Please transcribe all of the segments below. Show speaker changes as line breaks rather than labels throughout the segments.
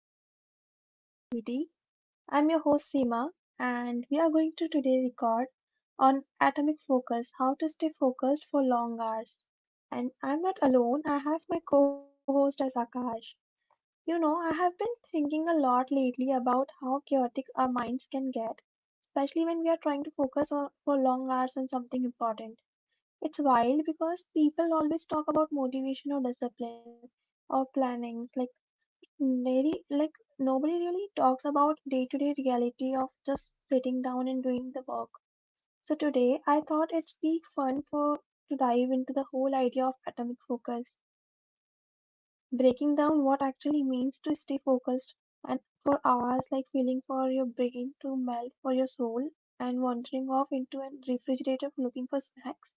podcast of productivity. I'm your host Seema, and we are going to today record on atomic focus, how to stay focused for long hours. And I'm not alone, I have my co-host as Akash. You know, I have been thinking a lot lately about how chaotic our minds can get, especially when we are trying to focus for long hours on something important. It's wild because people always talk about motivation or discipline or planning like. Nobody really talks about day-to-day reality of just sitting down and doing the work. So today I thought it'd be fun for to dive into the whole idea of atomic focus, breaking down what actually means to stay focused and for hours like feeling for your brain to melt for your soul and wandering off into a refrigerator looking for snacks.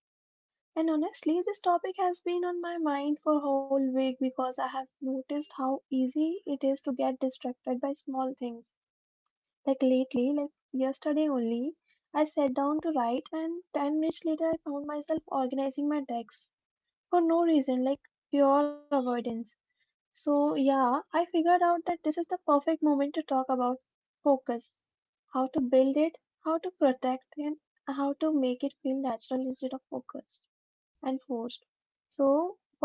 And honestly, this topic has been on my mind for a whole week because I have noticed how easy it is to get distracted by small things. Like lately, like yesterday only, I sat down to write and 10 minutes later I found myself organizing my decks for no reason, like pure avoidance. So yeah, I figured out that this is the perfect moment to talk about focus, how to build it, how to protect it, and how to make it feel natural instead of focus and forced. So,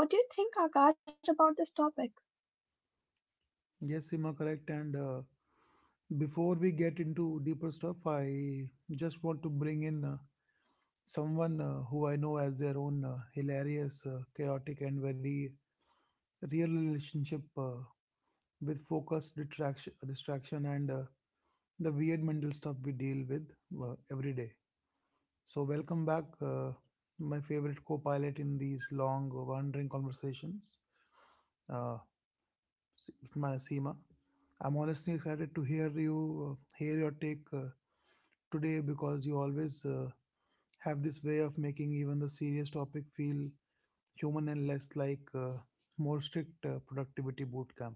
what do you think, Akash, about this topic?
Yes, Seema, correct. And Before we get into deeper stuff, I just want to bring in someone who I know as their own hilarious, chaotic, and very real relationship with focus, distraction, and the weird mental stuff we deal with every day. So, welcome back, my favorite co-pilot in these long, wandering conversations. Uh, my Seema. I'm honestly excited to hear your take today because you always have this way of making even the serious topic feel human and less like more strict productivity boot camp.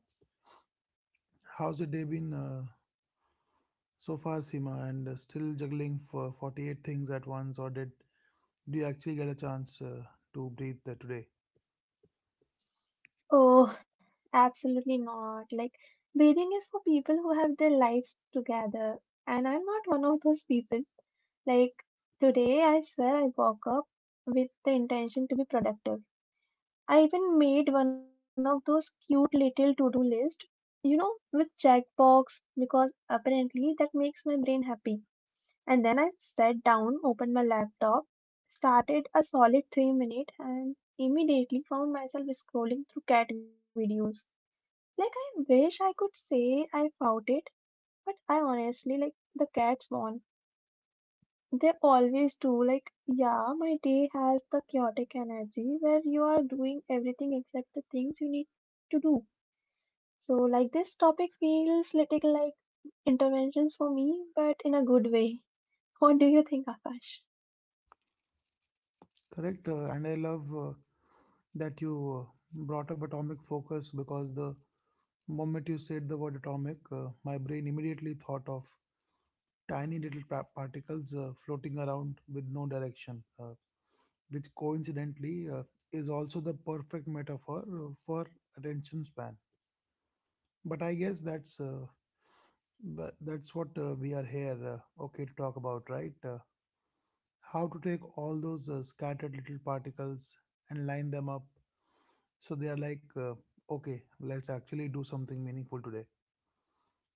How's your day been so far, Seema? And still juggling for 48 things at once, or did do you actually get a chance to breathe today?
Oh, absolutely not. Like, bathing is for people who have their lives together, and I'm not one of those people. Like, today, I swear I woke up with the intention to be productive. I even made one of those cute little to do list, you know, with checkbox, because apparently that makes my brain happy. And then I sat down, opened my laptop, started a solid 3 minutes, and immediately found myself scrolling through cat videos. Like I wish I could say I fought it, but I honestly like the cats won. They always do. Like yeah, my day has the chaotic energy where you are doing everything except the things you need to do. So like this topic feels little like interventions for me, but in a good way. What do you think, Akash?
Correct. And I love that you brought up atomic focus because the moment you said the word atomic, my brain immediately thought of tiny little particles floating around with no direction, which coincidentally is also the perfect metaphor for attention span. But I guess that's that's what we are here, okay, to talk about, right? How to take all those scattered little particles and line them up. So they are like, okay, let's actually do something meaningful today.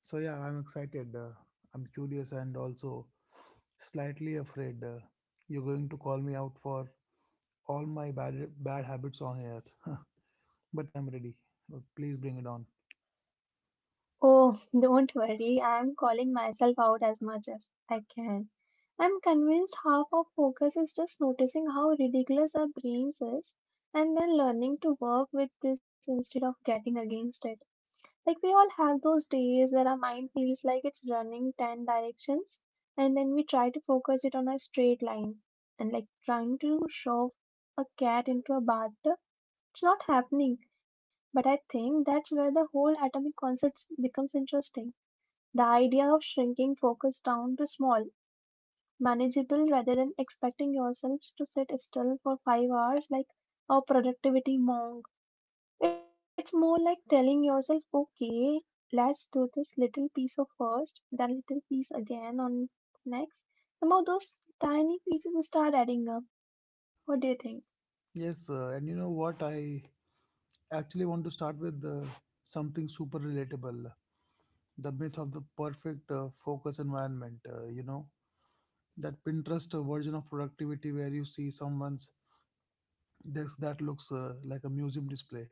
So yeah, I'm excited. I'm curious and also slightly afraid. You're going to call me out for all my bad habits on air, but I'm ready. Please bring it on.
Oh, don't worry, I'm calling myself out as much as I can. I'm convinced half of focus is just noticing how ridiculous our brains is and then learning to work with this instead of getting against it. Like we all have those days where our mind feels like it's running 10 directions and then we try to focus it on a straight line and like trying to shove a cat into a bathtub. It's not happening. But I think that's where the whole atomic concept becomes interesting, the idea of shrinking focus down to small, manageable rather than expecting yourself to sit still for 5 hours like a productivity monk. It's more like telling yourself, okay, let's do this little piece of first, then little piece again on next. Somehow those tiny pieces start adding up. What do you think?
Yes, and you know what? I actually want to start with something super relatable, the myth of the perfect focus environment. You know, that Pinterest version of productivity where you see someone's desk that looks like a museum display.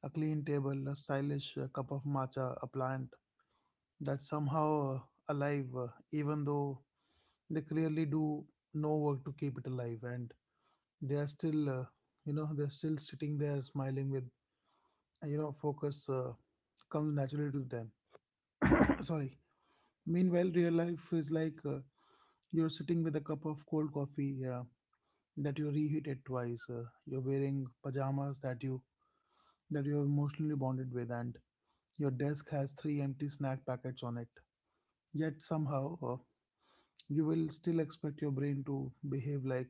A clean table, a stylish cup of matcha, a plant that's somehow alive, even though they clearly do no work to keep it alive. And they are still, you know, they're still sitting there smiling with, you know, focus comes naturally to them. Sorry. Meanwhile, real life is like you're sitting with a cup of cold coffee that you reheated twice. You're wearing pajamas that you have emotionally bonded with, and your desk has three empty snack packets on it. Yet somehow you will still expect your brain to behave like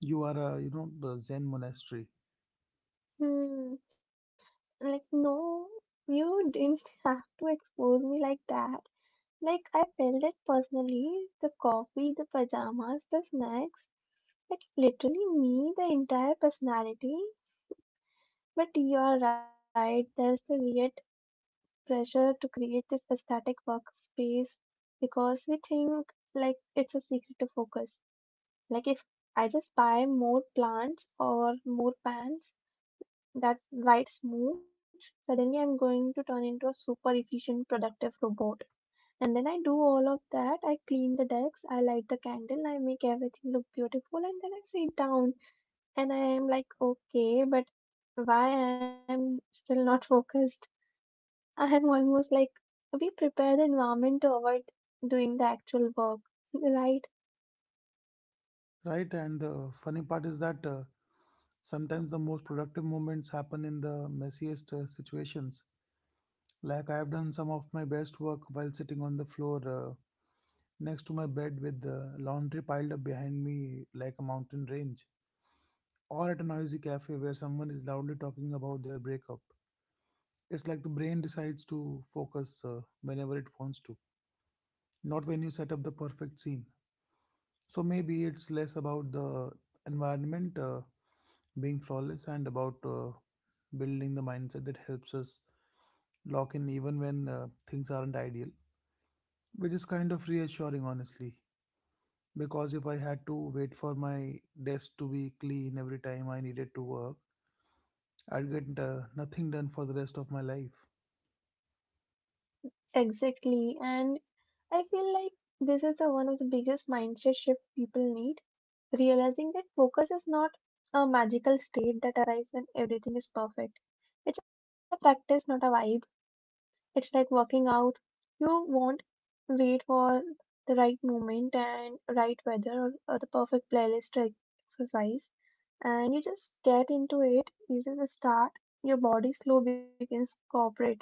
you are a, you know, the Zen monastery,
Hmm, like, no, you didn't have to expose me like that. Like I felt it personally. The coffee, the pajamas, the snacks. Like literally me, the entire personality. But you are right, there's the weird pressure to create this aesthetic workspace because we think like it's a secret to focus. Like if I just buy more plants or more pants that light smooth, suddenly I'm going to turn into a super efficient, productive robot. And then I do all of that. I clean the decks, I light the candle, I make everything look beautiful, and then I sit down and I am like, okay, but why I am still not focused? I am almost like we prepare the environment to avoid doing the actual work, right?
right? And the funny part is that sometimes the most productive moments happen in the messiest situations. Like I have done some of my best work while sitting on the floor next to my bed with the laundry piled up behind me like a mountain range, or at a noisy cafe where someone is loudly talking about their breakup. It's like the brain decides to focus whenever it wants to, not when you set up the perfect scene. So maybe it's less about the environment being flawless and about building the mindset that helps us lock in even when things aren't ideal, which is kind of reassuring, honestly. Because if I had to wait for my desk to be clean every time I needed to work, I'd get nothing done for the rest of my life.
Exactly. And I feel like this is the one of the biggest mindset shift people need, realizing that focus is not a magical state that arrives when everything is perfect. It's a practice, not a vibe. It's like working out. You won't wait for the right moment and right weather or the perfect playlist to exercise. And you just get into it. You just start. Your body slow begins cooperating.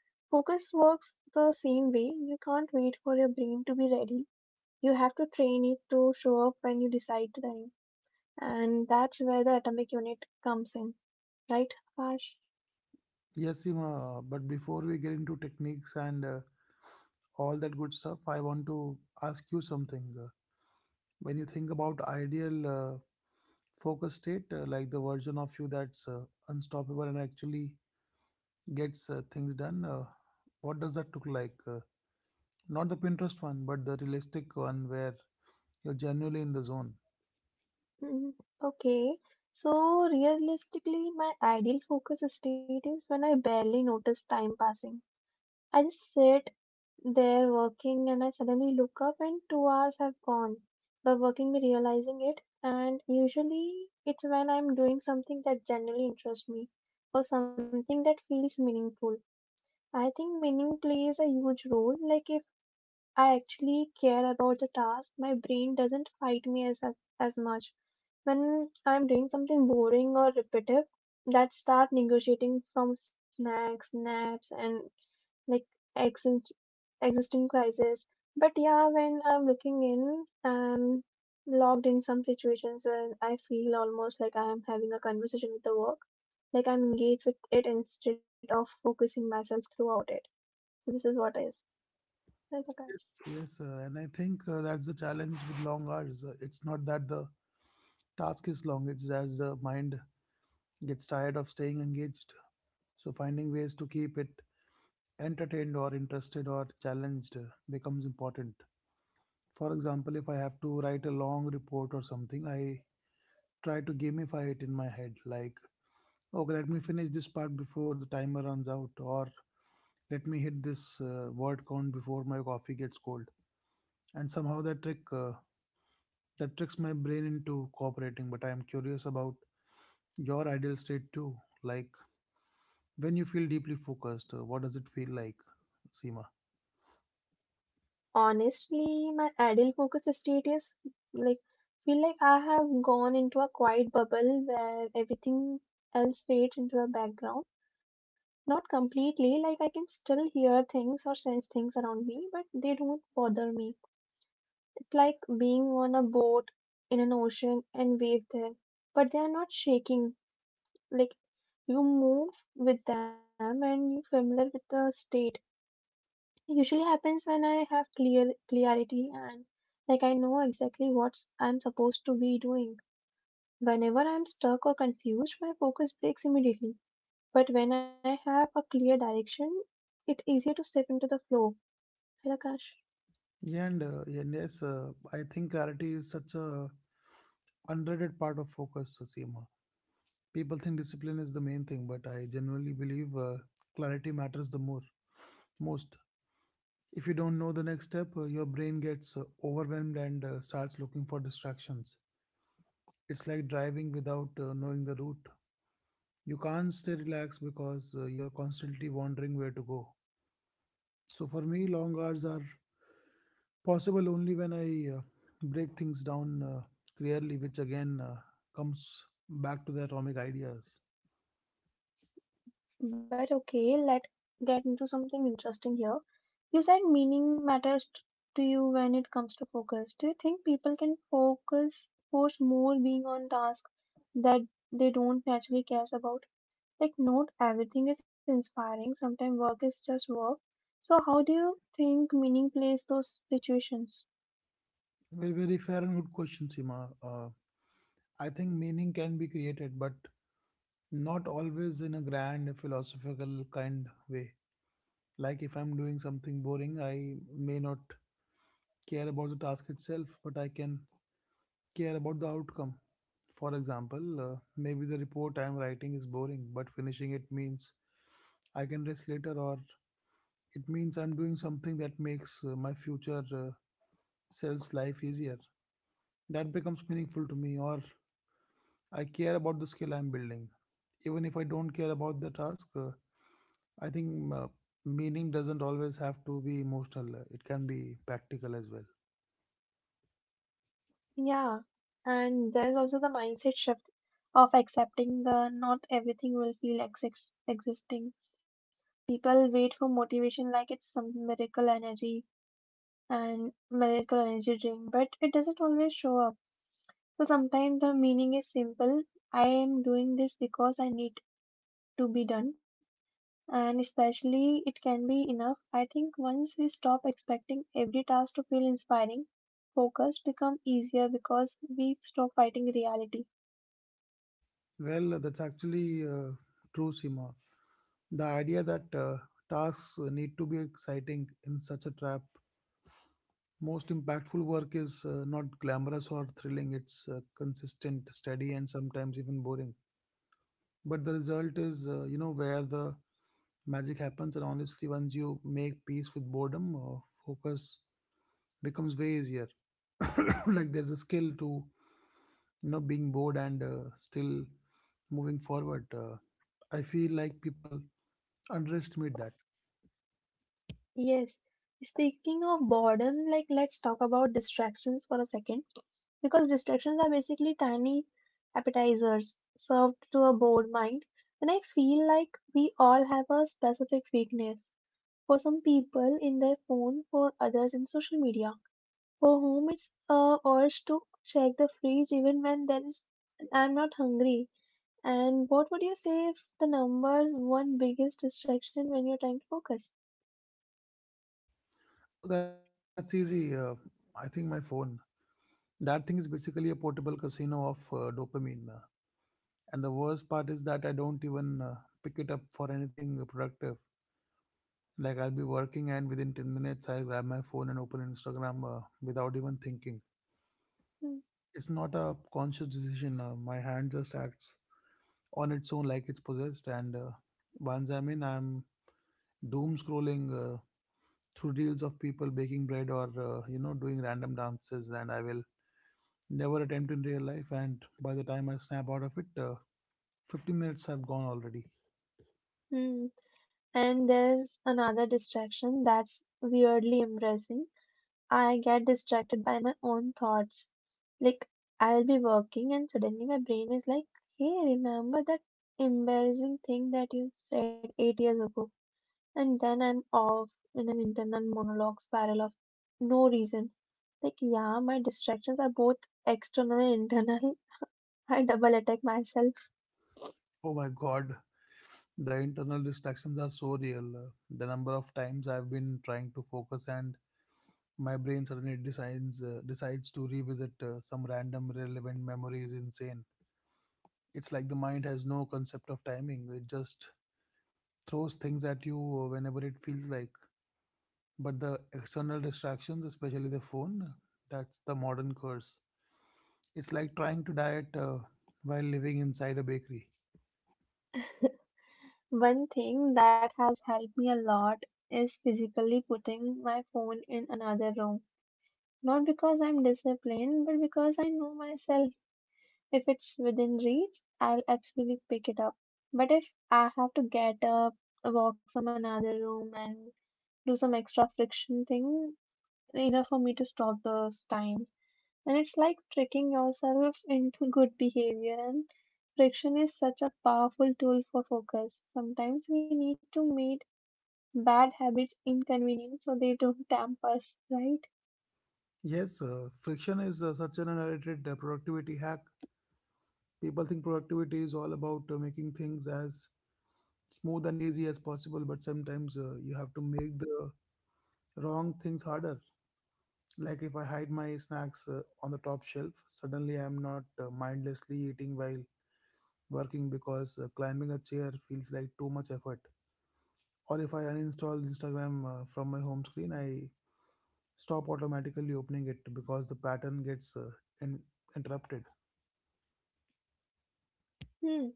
Focus works the same way. You can't wait for your brain to be ready. You have to train it to show up when you decide to. And that's where the atomic unit comes in. Right, Akash?
Yes, Seema, but before we get into techniques and all that good stuff, I want to ask you something. When you think about ideal focus state, like the version of you that's unstoppable and actually gets things done, what does that look like? Not the Pinterest one, but the realistic one where you're genuinely in the zone.
Mhm. Okay. So realistically, my ideal focus state is when I barely notice time passing. I just sit there working and I suddenly look up and 2 hours have gone. By working, me realizing it, and usually it's when I'm doing something that generally interests me or something that feels meaningful. I think meaning plays a huge role. Like if I actually care about the task, my brain doesn't fight me as much when I'm doing something boring or repetitive, that start negotiating from snacks, naps, and like exist- existing crisis. But yeah, when I'm looking in, I'm logged in some situations where I feel almost like I am having a conversation with the work. Like I'm engaged with it instead of focusing myself throughout it. So this is what is. Right, okay.
Yes, yes, and I think that's the challenge with long hours. It's not that the task is long; it's as the mind gets tired of staying engaged. So finding ways to keep it entertained or interested or challenged becomes important. For example, if I have to write a long report or something, I try to gamify it in my head like, okay, let me finish this part before the timer runs out, or let me hit this word count before my coffee gets cold. And somehow that tricks my brain into cooperating. But I am curious about your ideal state too. Like when you feel deeply focused, what does it feel like, Seema?
Honestly, my ideal focus state is like feel like I have gone into a quiet bubble where everything else fades into a background, not completely, like I can still hear things or sense things around me, but they don't bother me. It's like being on a boat in an ocean and wave there but they are not shaking, like you move with them and you're familiar with the state. It usually happens when I have clear clarity and like I know exactly what I'm supposed to be doing. Whenever I'm stuck or confused, my focus breaks immediately. But when I have a clear direction, it's easier to step into the flow. Hey, Akash.
Yeah, and yes, I think clarity is such a underrated part of focus, Seema. People think discipline is the main thing, but I genuinely believe clarity matters most. If you don't know the next step, your brain gets overwhelmed and starts looking for distractions. It's like driving without knowing the route. You can't stay relaxed because you're constantly wondering where to go. So for me, long hours are possible only when I break things down clearly, which again comes back to the atomic ideas.
But okay, let's get into something interesting here. You said meaning matters to you when it comes to focus. Do you think people can focus force more being on tasks that they don't naturally cares about? Like not everything is inspiring. Sometimes work is just work. So how do you think meaning plays those situations?
Very, very fair and good question, Sima. I think meaning can be created, but not always in a grand philosophical kind way. Like if I'm doing something boring, I may not care about the task itself, but I can care about the outcome. For example, maybe the report I'm writing is boring, but finishing it means I can rest later, or it means I'm doing something that makes my future self's life easier. That becomes meaningful to me, or I care about the skill I'm building. Even if I don't care about the task, I think meaning doesn't always have to be emotional, it can be practical as well.
Yeah, and there is also the mindset shift of accepting the not everything will feel existing. People wait for motivation like it's some miracle energy and miracle energy drink, but it doesn't always show up. So sometimes the meaning is simple. I am doing this because I need to be done and especially it can be enough. I think once we stop expecting every task to feel inspiring, focus become easier because we stop fighting reality.
Well, that's actually true, Sima. The idea that tasks need to be exciting in such a trap. Most impactful work is not glamorous or thrilling, it's consistent, steady, and sometimes even boring. But the result is, you know, where the magic happens. And honestly, once you make peace with boredom, focus becomes way easier. Like there's a skill to, you know, being bored and still moving forward. I feel like people underestimate that.
Yes. Speaking of boredom, like let's talk about distractions for a second. Because distractions are basically tiny appetizers served to a bored mind. And I feel like we all have a specific weakness. For some people in their phone, for others in social media. For whom it's a urge to check the fridge even when there is I'm not hungry. And what would you say if the number one biggest distraction when you're trying to focus?
That's easy. I think my phone. That thing is basically a portable casino of dopamine. And the worst part is that I don't even pick it up for anything productive. Like I'll be working and within 10 minutes I'll grab my phone and open Instagram without even thinking.
Hmm.
It's not a conscious decision. My hand just acts on its own like it's possessed. And once I'm in, I'm doom scrolling through reels of people baking bread, or, you know, doing random dances. And I will never attempt in real life. And by the time I snap out of it, 15 minutes have gone already.
Hmm. And there's another distraction that's weirdly embarrassing. I get distracted by my own thoughts. Like I'll be working and suddenly my brain is like, hey, remember that embarrassing thing that you said 8 years ago? And then I'm off in an internal monologue spiral of no reason. Like, yeah, my distractions are both external and internal. I double attack myself.
Oh my god, the internal distractions are so real. The number of times I've been trying to focus and my brain suddenly decides to revisit some random relevant memory is insane. It's like the mind has no concept of timing. It just throws things at you whenever it feels like. But the external distractions, especially the phone, that's the modern curse. It's like trying to diet while living inside a bakery.
One thing that has helped me a lot is physically putting my phone in another room. Not because I'm disciplined, but because I know myself. If it's within reach, I'll actually pick it up. But if I have to get up, walk some another room, and do some extra friction thing, enough for me to stop those times, and it's like tricking yourself into good behavior. And friction is such a powerful tool for focus. Sometimes we need to make bad habits inconvenient so they don't tempt us, right?
Yes, friction is such an underrated productivity hack. People think productivity is all about making things as smooth and easy as possible, but sometimes you have to make the wrong things harder. Like if I hide my snacks on the top shelf, suddenly I'm not mindlessly eating while working because climbing a chair feels like too much effort. Or if I uninstall Instagram from my home screen, I stop automatically opening it because the pattern gets in- interrupted.
Hmm.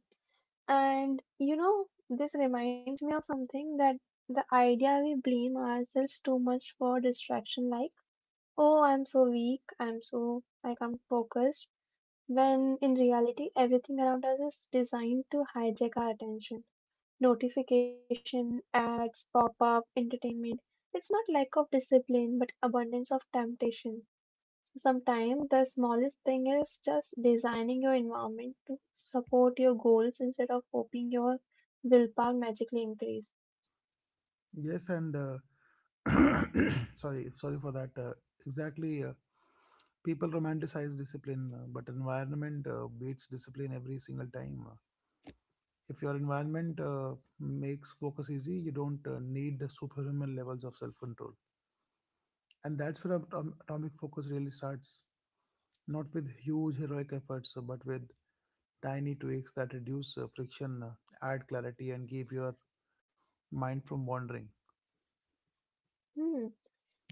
And you know, this reminds me of something that the idea we blame ourselves too much for distraction, like, oh, I'm so weak, I'm so, like, I'm focused when in reality everything around us is designed to hijack our attention. Notification, ads, pop up, entertainment. It's not lack of discipline but abundance of temptation. So sometimes the smallest thing is just designing your environment to support your goals instead of hoping your willpower magically increase.
Yes, and sorry for that. Exactly, people romanticize discipline, but environment beats discipline every single time. If your environment makes focus easy, you don't need the superhuman levels of self-control, and that's where atomic focus really starts. Not with huge heroic efforts, but with tiny tweaks that reduce friction, add clarity, and keep your mind from wandering.
Hmm.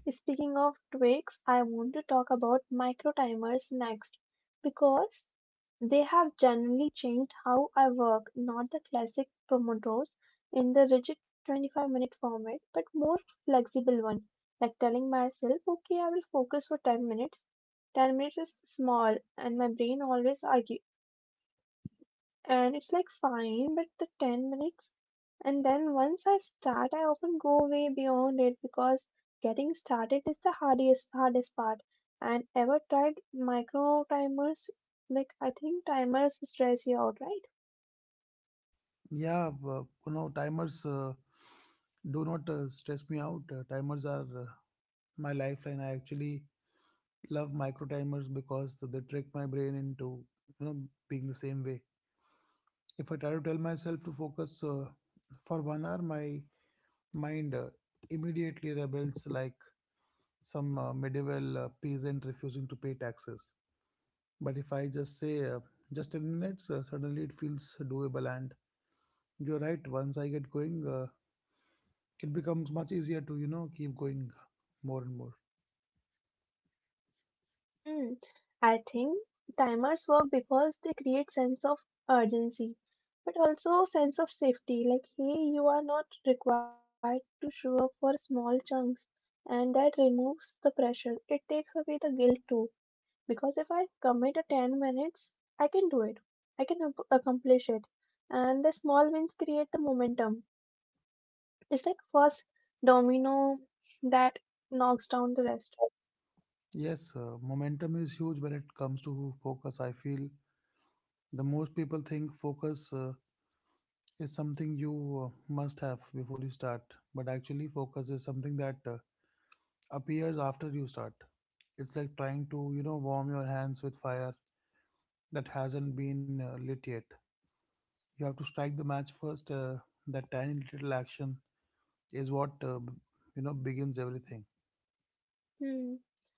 Speaking of tweaks, I want to talk about micro timers next because they have generally changed how I work, not the classic Pomodoros in the rigid 25-minute format, but more flexible one, like telling myself, okay, I will focus for 10 minutes. 10 minutes is small, and my brain always argue, and it's like fine but the 10 minutes. And then once I start I often go way beyond it because getting started is the hardest part. And ever tried micro timers? Like, I think timers stress you out, right?
Yeah, you know, timers do not stress me out. Timers are my lifeline. I actually love micro timers because they trick my brain into, you know, being the same way. If I try to tell myself to focus for 1 hour, my mind immediately rebels like some medieval peasant refusing to pay taxes. But if I just say just 10 minutes, suddenly it feels doable. And you're right, once I get going, it becomes much easier to keep going more and more.
Hmm, I think timers work because they create sense of urgency, but also sense of safety. Like, hey, you are not required to show up for small chunks, and that removes the pressure. It takes away the guilt too, because if I commit a 10 minutes, I can do it. I can accomplish it, and the small wins create the momentum. It's like first domino that knocks down the rest.
Yes, momentum is huge when it comes to focus. I feel the most people think focus is something you uh, must have before you start, but actually focus is something that appears after you start. It's like trying to warm your hands with fire that hasn't been lit yet. You have to strike the match first. That tiny little action is what begins everything.
Hmm.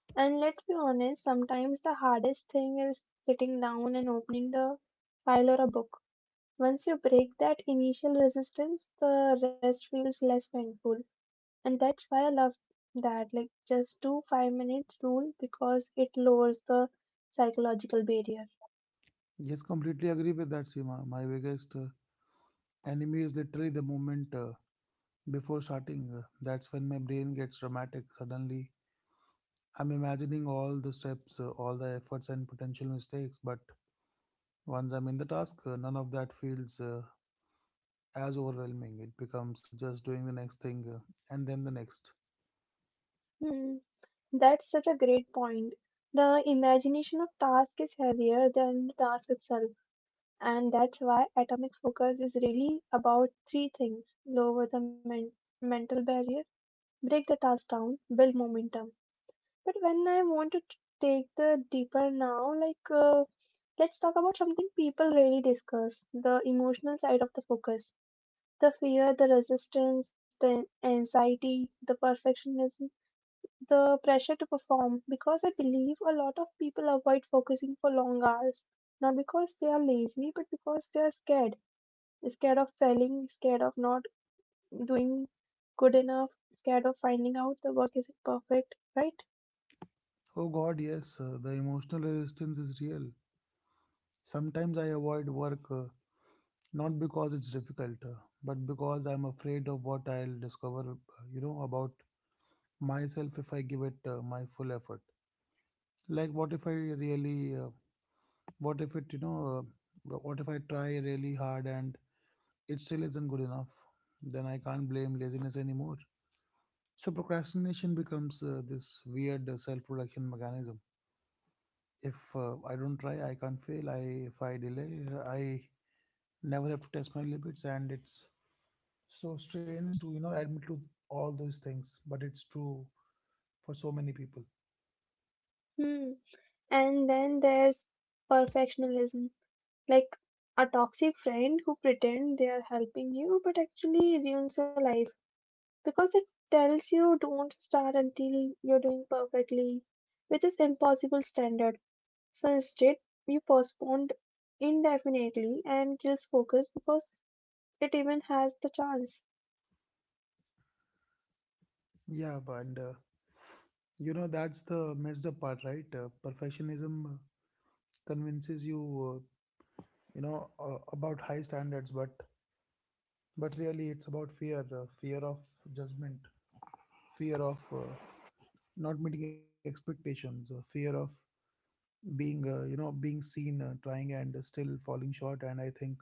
And let's be honest, sometimes the hardest thing is sitting down and opening the file or a book. Once you break that initial resistance, the rest feels less painful. And that's why I love that, like just do 5 minutes rule, because it lowers the psychological barrier.
Yes, completely agree with that, Seema. My biggest enemy is literally the moment before starting. That's when my brain gets dramatic. Suddenly, I'm imagining all the steps, all the efforts, and potential mistakes. But once I'm in the task, none of that feels as overwhelming. It becomes just doing the next thing and then the next.
Hmm, that's such a great point. The imagination of task is heavier than the task itself. And that's why atomic focus is really about three things: lower the mental barrier, break the task down, build momentum. But when I want to take the deeper now, like let's talk about something people rarely discuss: the emotional side of the focus. The fear, the resistance, the anxiety, the perfectionism, the pressure to perform. Because I believe a lot of people avoid focusing for long hours, not because they are lazy, but because they are scared, scared of failing, scared of not doing good enough, scared of finding out the work isn't perfect, right?
Oh God, yes, the emotional resistance is real. Sometimes I avoid work. Not because it's difficult, but because I'm afraid of what I'll discover about myself if I give it my full effort. Like what if it you know what if I try really hard and it still isn't good enough? Then I can't blame laziness anymore. So procrastination becomes this weird self-protection mechanism. If I don't try, I can't fail. I If I delay, I never have to test my limits. And it's so strange to admit to all those things, but it's true for so many people.
Hmm. And then there's perfectionism, like a toxic friend who pretend they are helping you but actually ruins your life, because it tells you don't start until you're doing perfectly, which is impossible standard. So instead, you postponed indefinitely and kills focus because it even has the chance.
Yeah, but and, you know that's the messed up part, right? Perfectionism convinces you uh, you know about high standards, but really it's about fear, fear of judgment, fear of not meeting expectations, fear of being you know being seen, trying and still falling short. And I think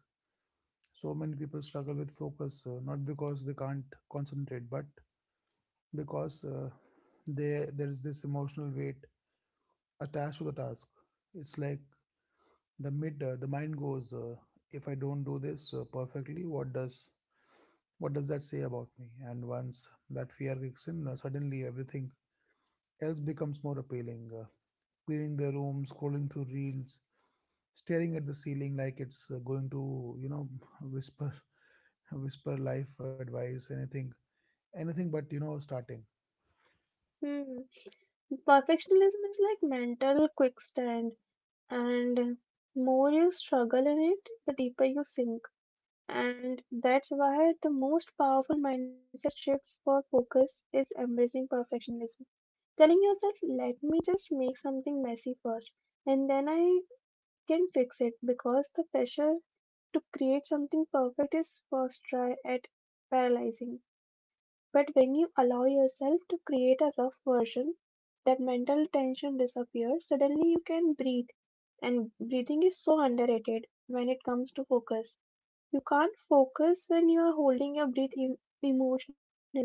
so many people struggle with focus, not because they can't concentrate, but because they there is this emotional weight attached to the task. It's like the mid the mind goes, if I don't do this perfectly, what does that say about me? And once that fear kicks in, suddenly everything else becomes more appealing. Cleaning the room, scrolling through reels, staring at the ceiling like it's going to whisper whisper life advice, anything, anything but starting.
Hmm. Perfectionism is like mental quicksand, and more you struggle in it, the deeper you sink. And that's why the most powerful mindset shifts for focus is embracing perfectionism. Telling yourself, let me just make something messy first, and then I can fix it, because the pressure to create something perfect is first try at paralyzing. But when you allow yourself to create a rough version, that mental tension disappears. Suddenly you can breathe. And breathing is so underrated when it comes to focus. You can't focus when you are holding your breath, emotionally, right?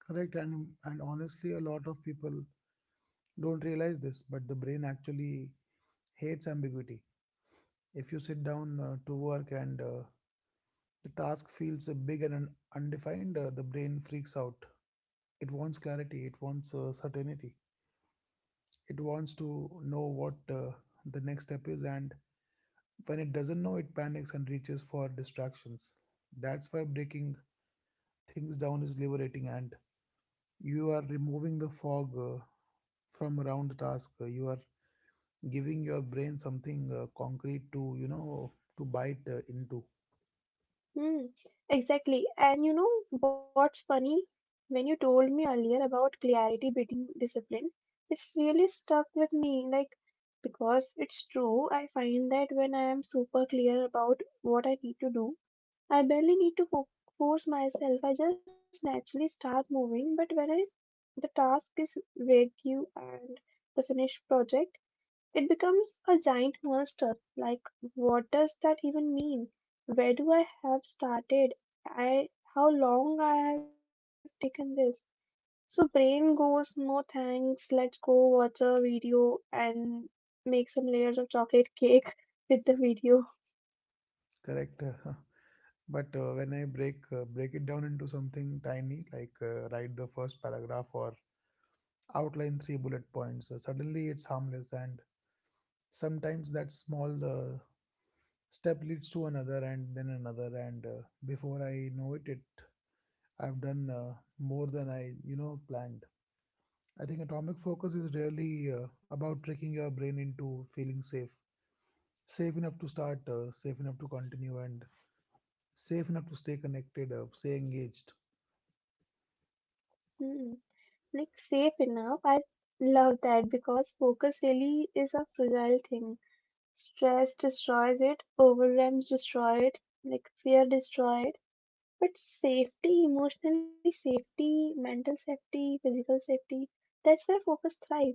Correct, and honestly, a lot of people don't realize this, but the brain actually hates ambiguity. If you sit down to work and the task feels big and undefined, the brain freaks out. It wants clarity. It wants certainty. It wants to know what the next step is, and when it doesn't know, it panics and reaches for distractions. That's why breaking things down is liberating, and you are removing the fog from around the task. You are giving your brain something concrete to you know to bite into.
Hmm, exactly. And you know what's funny? When you told me earlier about clarity beating discipline, it's really stuck with me. Like, because it's true, I find that when I am super clear about what I need to do, I barely need to force myself. I just naturally start moving. But when I, the task is vague and the finished project, it becomes a giant monster. Like, what does that even mean? Where do I have started? I how long I have taken this? So brain goes, no thanks. Let's go watch a video and make some layers of chocolate cake with the video.
Correct. But when I break it down into something tiny, like write the first paragraph or outline three bullet points. Suddenly it's harmless, and sometimes that small step leads to another and then another, and before I know it, I've done more than I planned. I think atomic focus is really about tricking your brain into feeling safe, safe enough to start, safe enough to continue, and safe enough to stay connected, stay engaged,
Hmm, like safe enough. I love that because focus really is a fragile thing. Stress destroys it, overwhelms destroy it, like fear destroy it. But safety, emotionally safety, mental safety, physical safety, that's where focus thrive.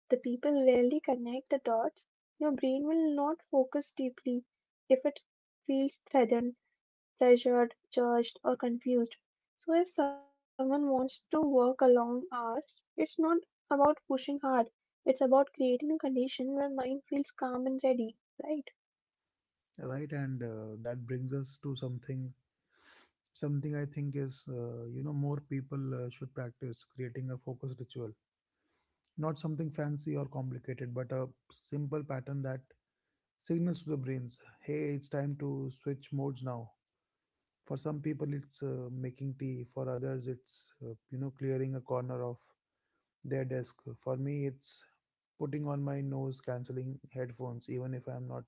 The people rarely connect the dots. Your brain will not focus deeply if it feels threatened, pressured, judged, or confused. So if someone wants to work a long hours, it's not about pushing hard. It's about creating a condition where mind feels calm and ready, right?
right? And that brings us to something. Something I think is, more people should practice creating a focus ritual. Not something fancy or complicated, but a simple pattern that signals to the brains, hey, it's time to switch modes now. For some people, it's making tea. For others, it's, clearing a corner of their desk. For me, it's putting on my noise cancelling headphones, even if I'm not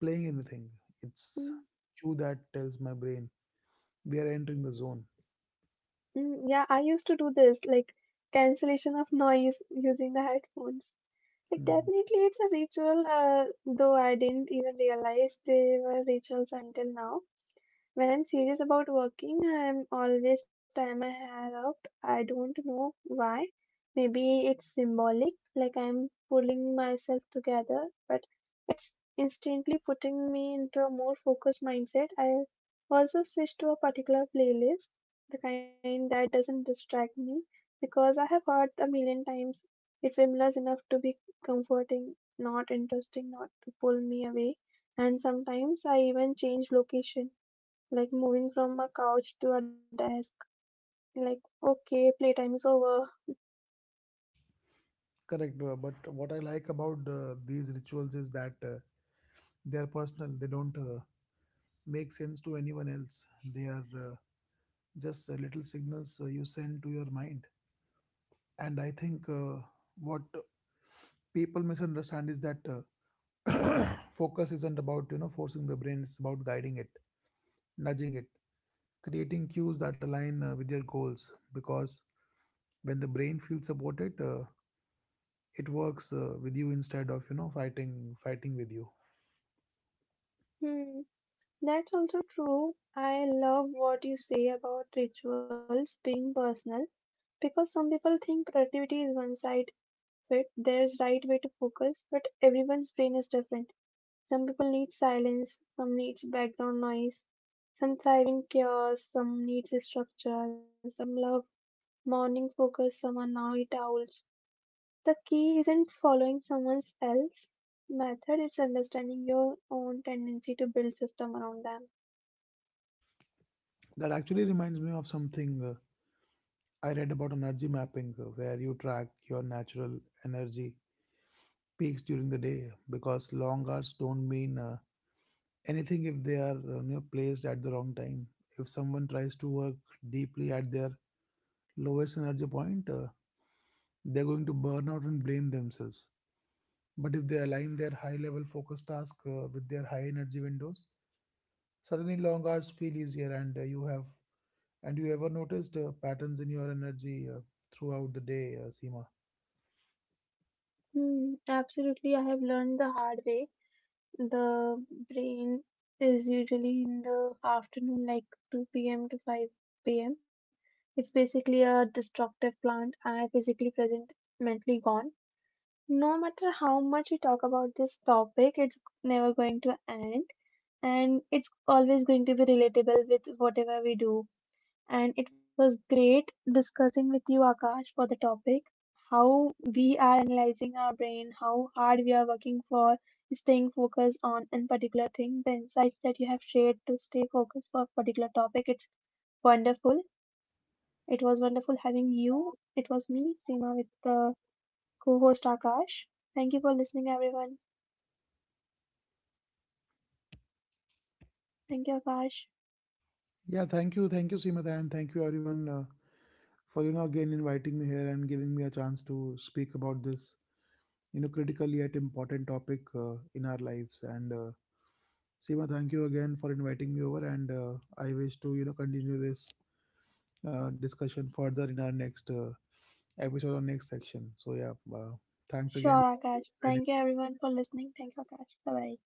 playing anything. It's
Mm,
you that tells my brain we are entering the zone.
mm, yeah, I used to do this, like cancellation of noise using the headphones. Like
Hmm.
definitely it's a ritual, though I didn't even realize they were rituals until now. When I'm serious about working, I'm always tie my hair up. I don't know why. Maybe it's symbolic, like I'm pulling myself together, but it's instantly putting me into a more focused mindset. I also switch to a particular playlist, the kind that doesn't distract me, because I have heard a million times it familiar enough to be comforting, not interesting, not to pull me away. And sometimes I even change location, like moving from a couch to a desk, like, okay, playtime is over.
Correct. But what I like about these rituals is that they are personal, they don't make sense to anyone else. They are just little signals you send to your mind. And I think what people misunderstand is that. Focus isn't about forcing the brain. It's about guiding it, nudging it, creating cues that align with your goals, because when the brain feels supported, it works with you instead of fighting with you.
Hmm, that's also true. I love what you say about rituals being personal, because some people think productivity is one side fit. There's right way to focus, but everyone's brain is different. Some people need silence, some needs background noise, some thriving chaos, some needs structure, some love morning focus, some are night owls. The key isn't following someone else's method, it's understanding your own tendency to build system around them.
That actually reminds me of something I read about energy mapping, where you track your natural energy peaks during the day, because long hours don't mean anything if they are placed at the wrong time. If someone tries to work deeply at their lowest energy point, they're going to burn out and blame themselves. But if they align their high level focus task with their high energy windows, suddenly long hours feel easier, and you have and you ever noticed patterns in your energy throughout the day, Seema?
Hmm, absolutely. I have learned the hard way. The brain is usually in the afternoon, like 2 p.m. to 5 p.m. It's basically a destructive plant. I physically present, mentally gone. No matter how much we talk about this topic, it's never going to end, and it's always going to be relatable with whatever we do. And it was great discussing with you, Akash, for the topic how we are analyzing our brain, how hard we are working for staying focused on a particular thing. The insights that you have shared to stay focused for a particular topic, it's wonderful. It was wonderful having you. It was me, Seema, with the co host Akash. Thank you for listening, everyone. Thank you, Akash.
Yeah, thank you, Seema, and thank you everyone for again inviting me here, and giving me a chance to speak about this critical yet important topic in our lives. And Seema, thank you again for inviting me over, and I wish to continue this discussion further in our next episode or next section. So yeah, thanks again.
Sure, Akash. Thank you, everyone, for listening. Thank you, Akash. Bye bye.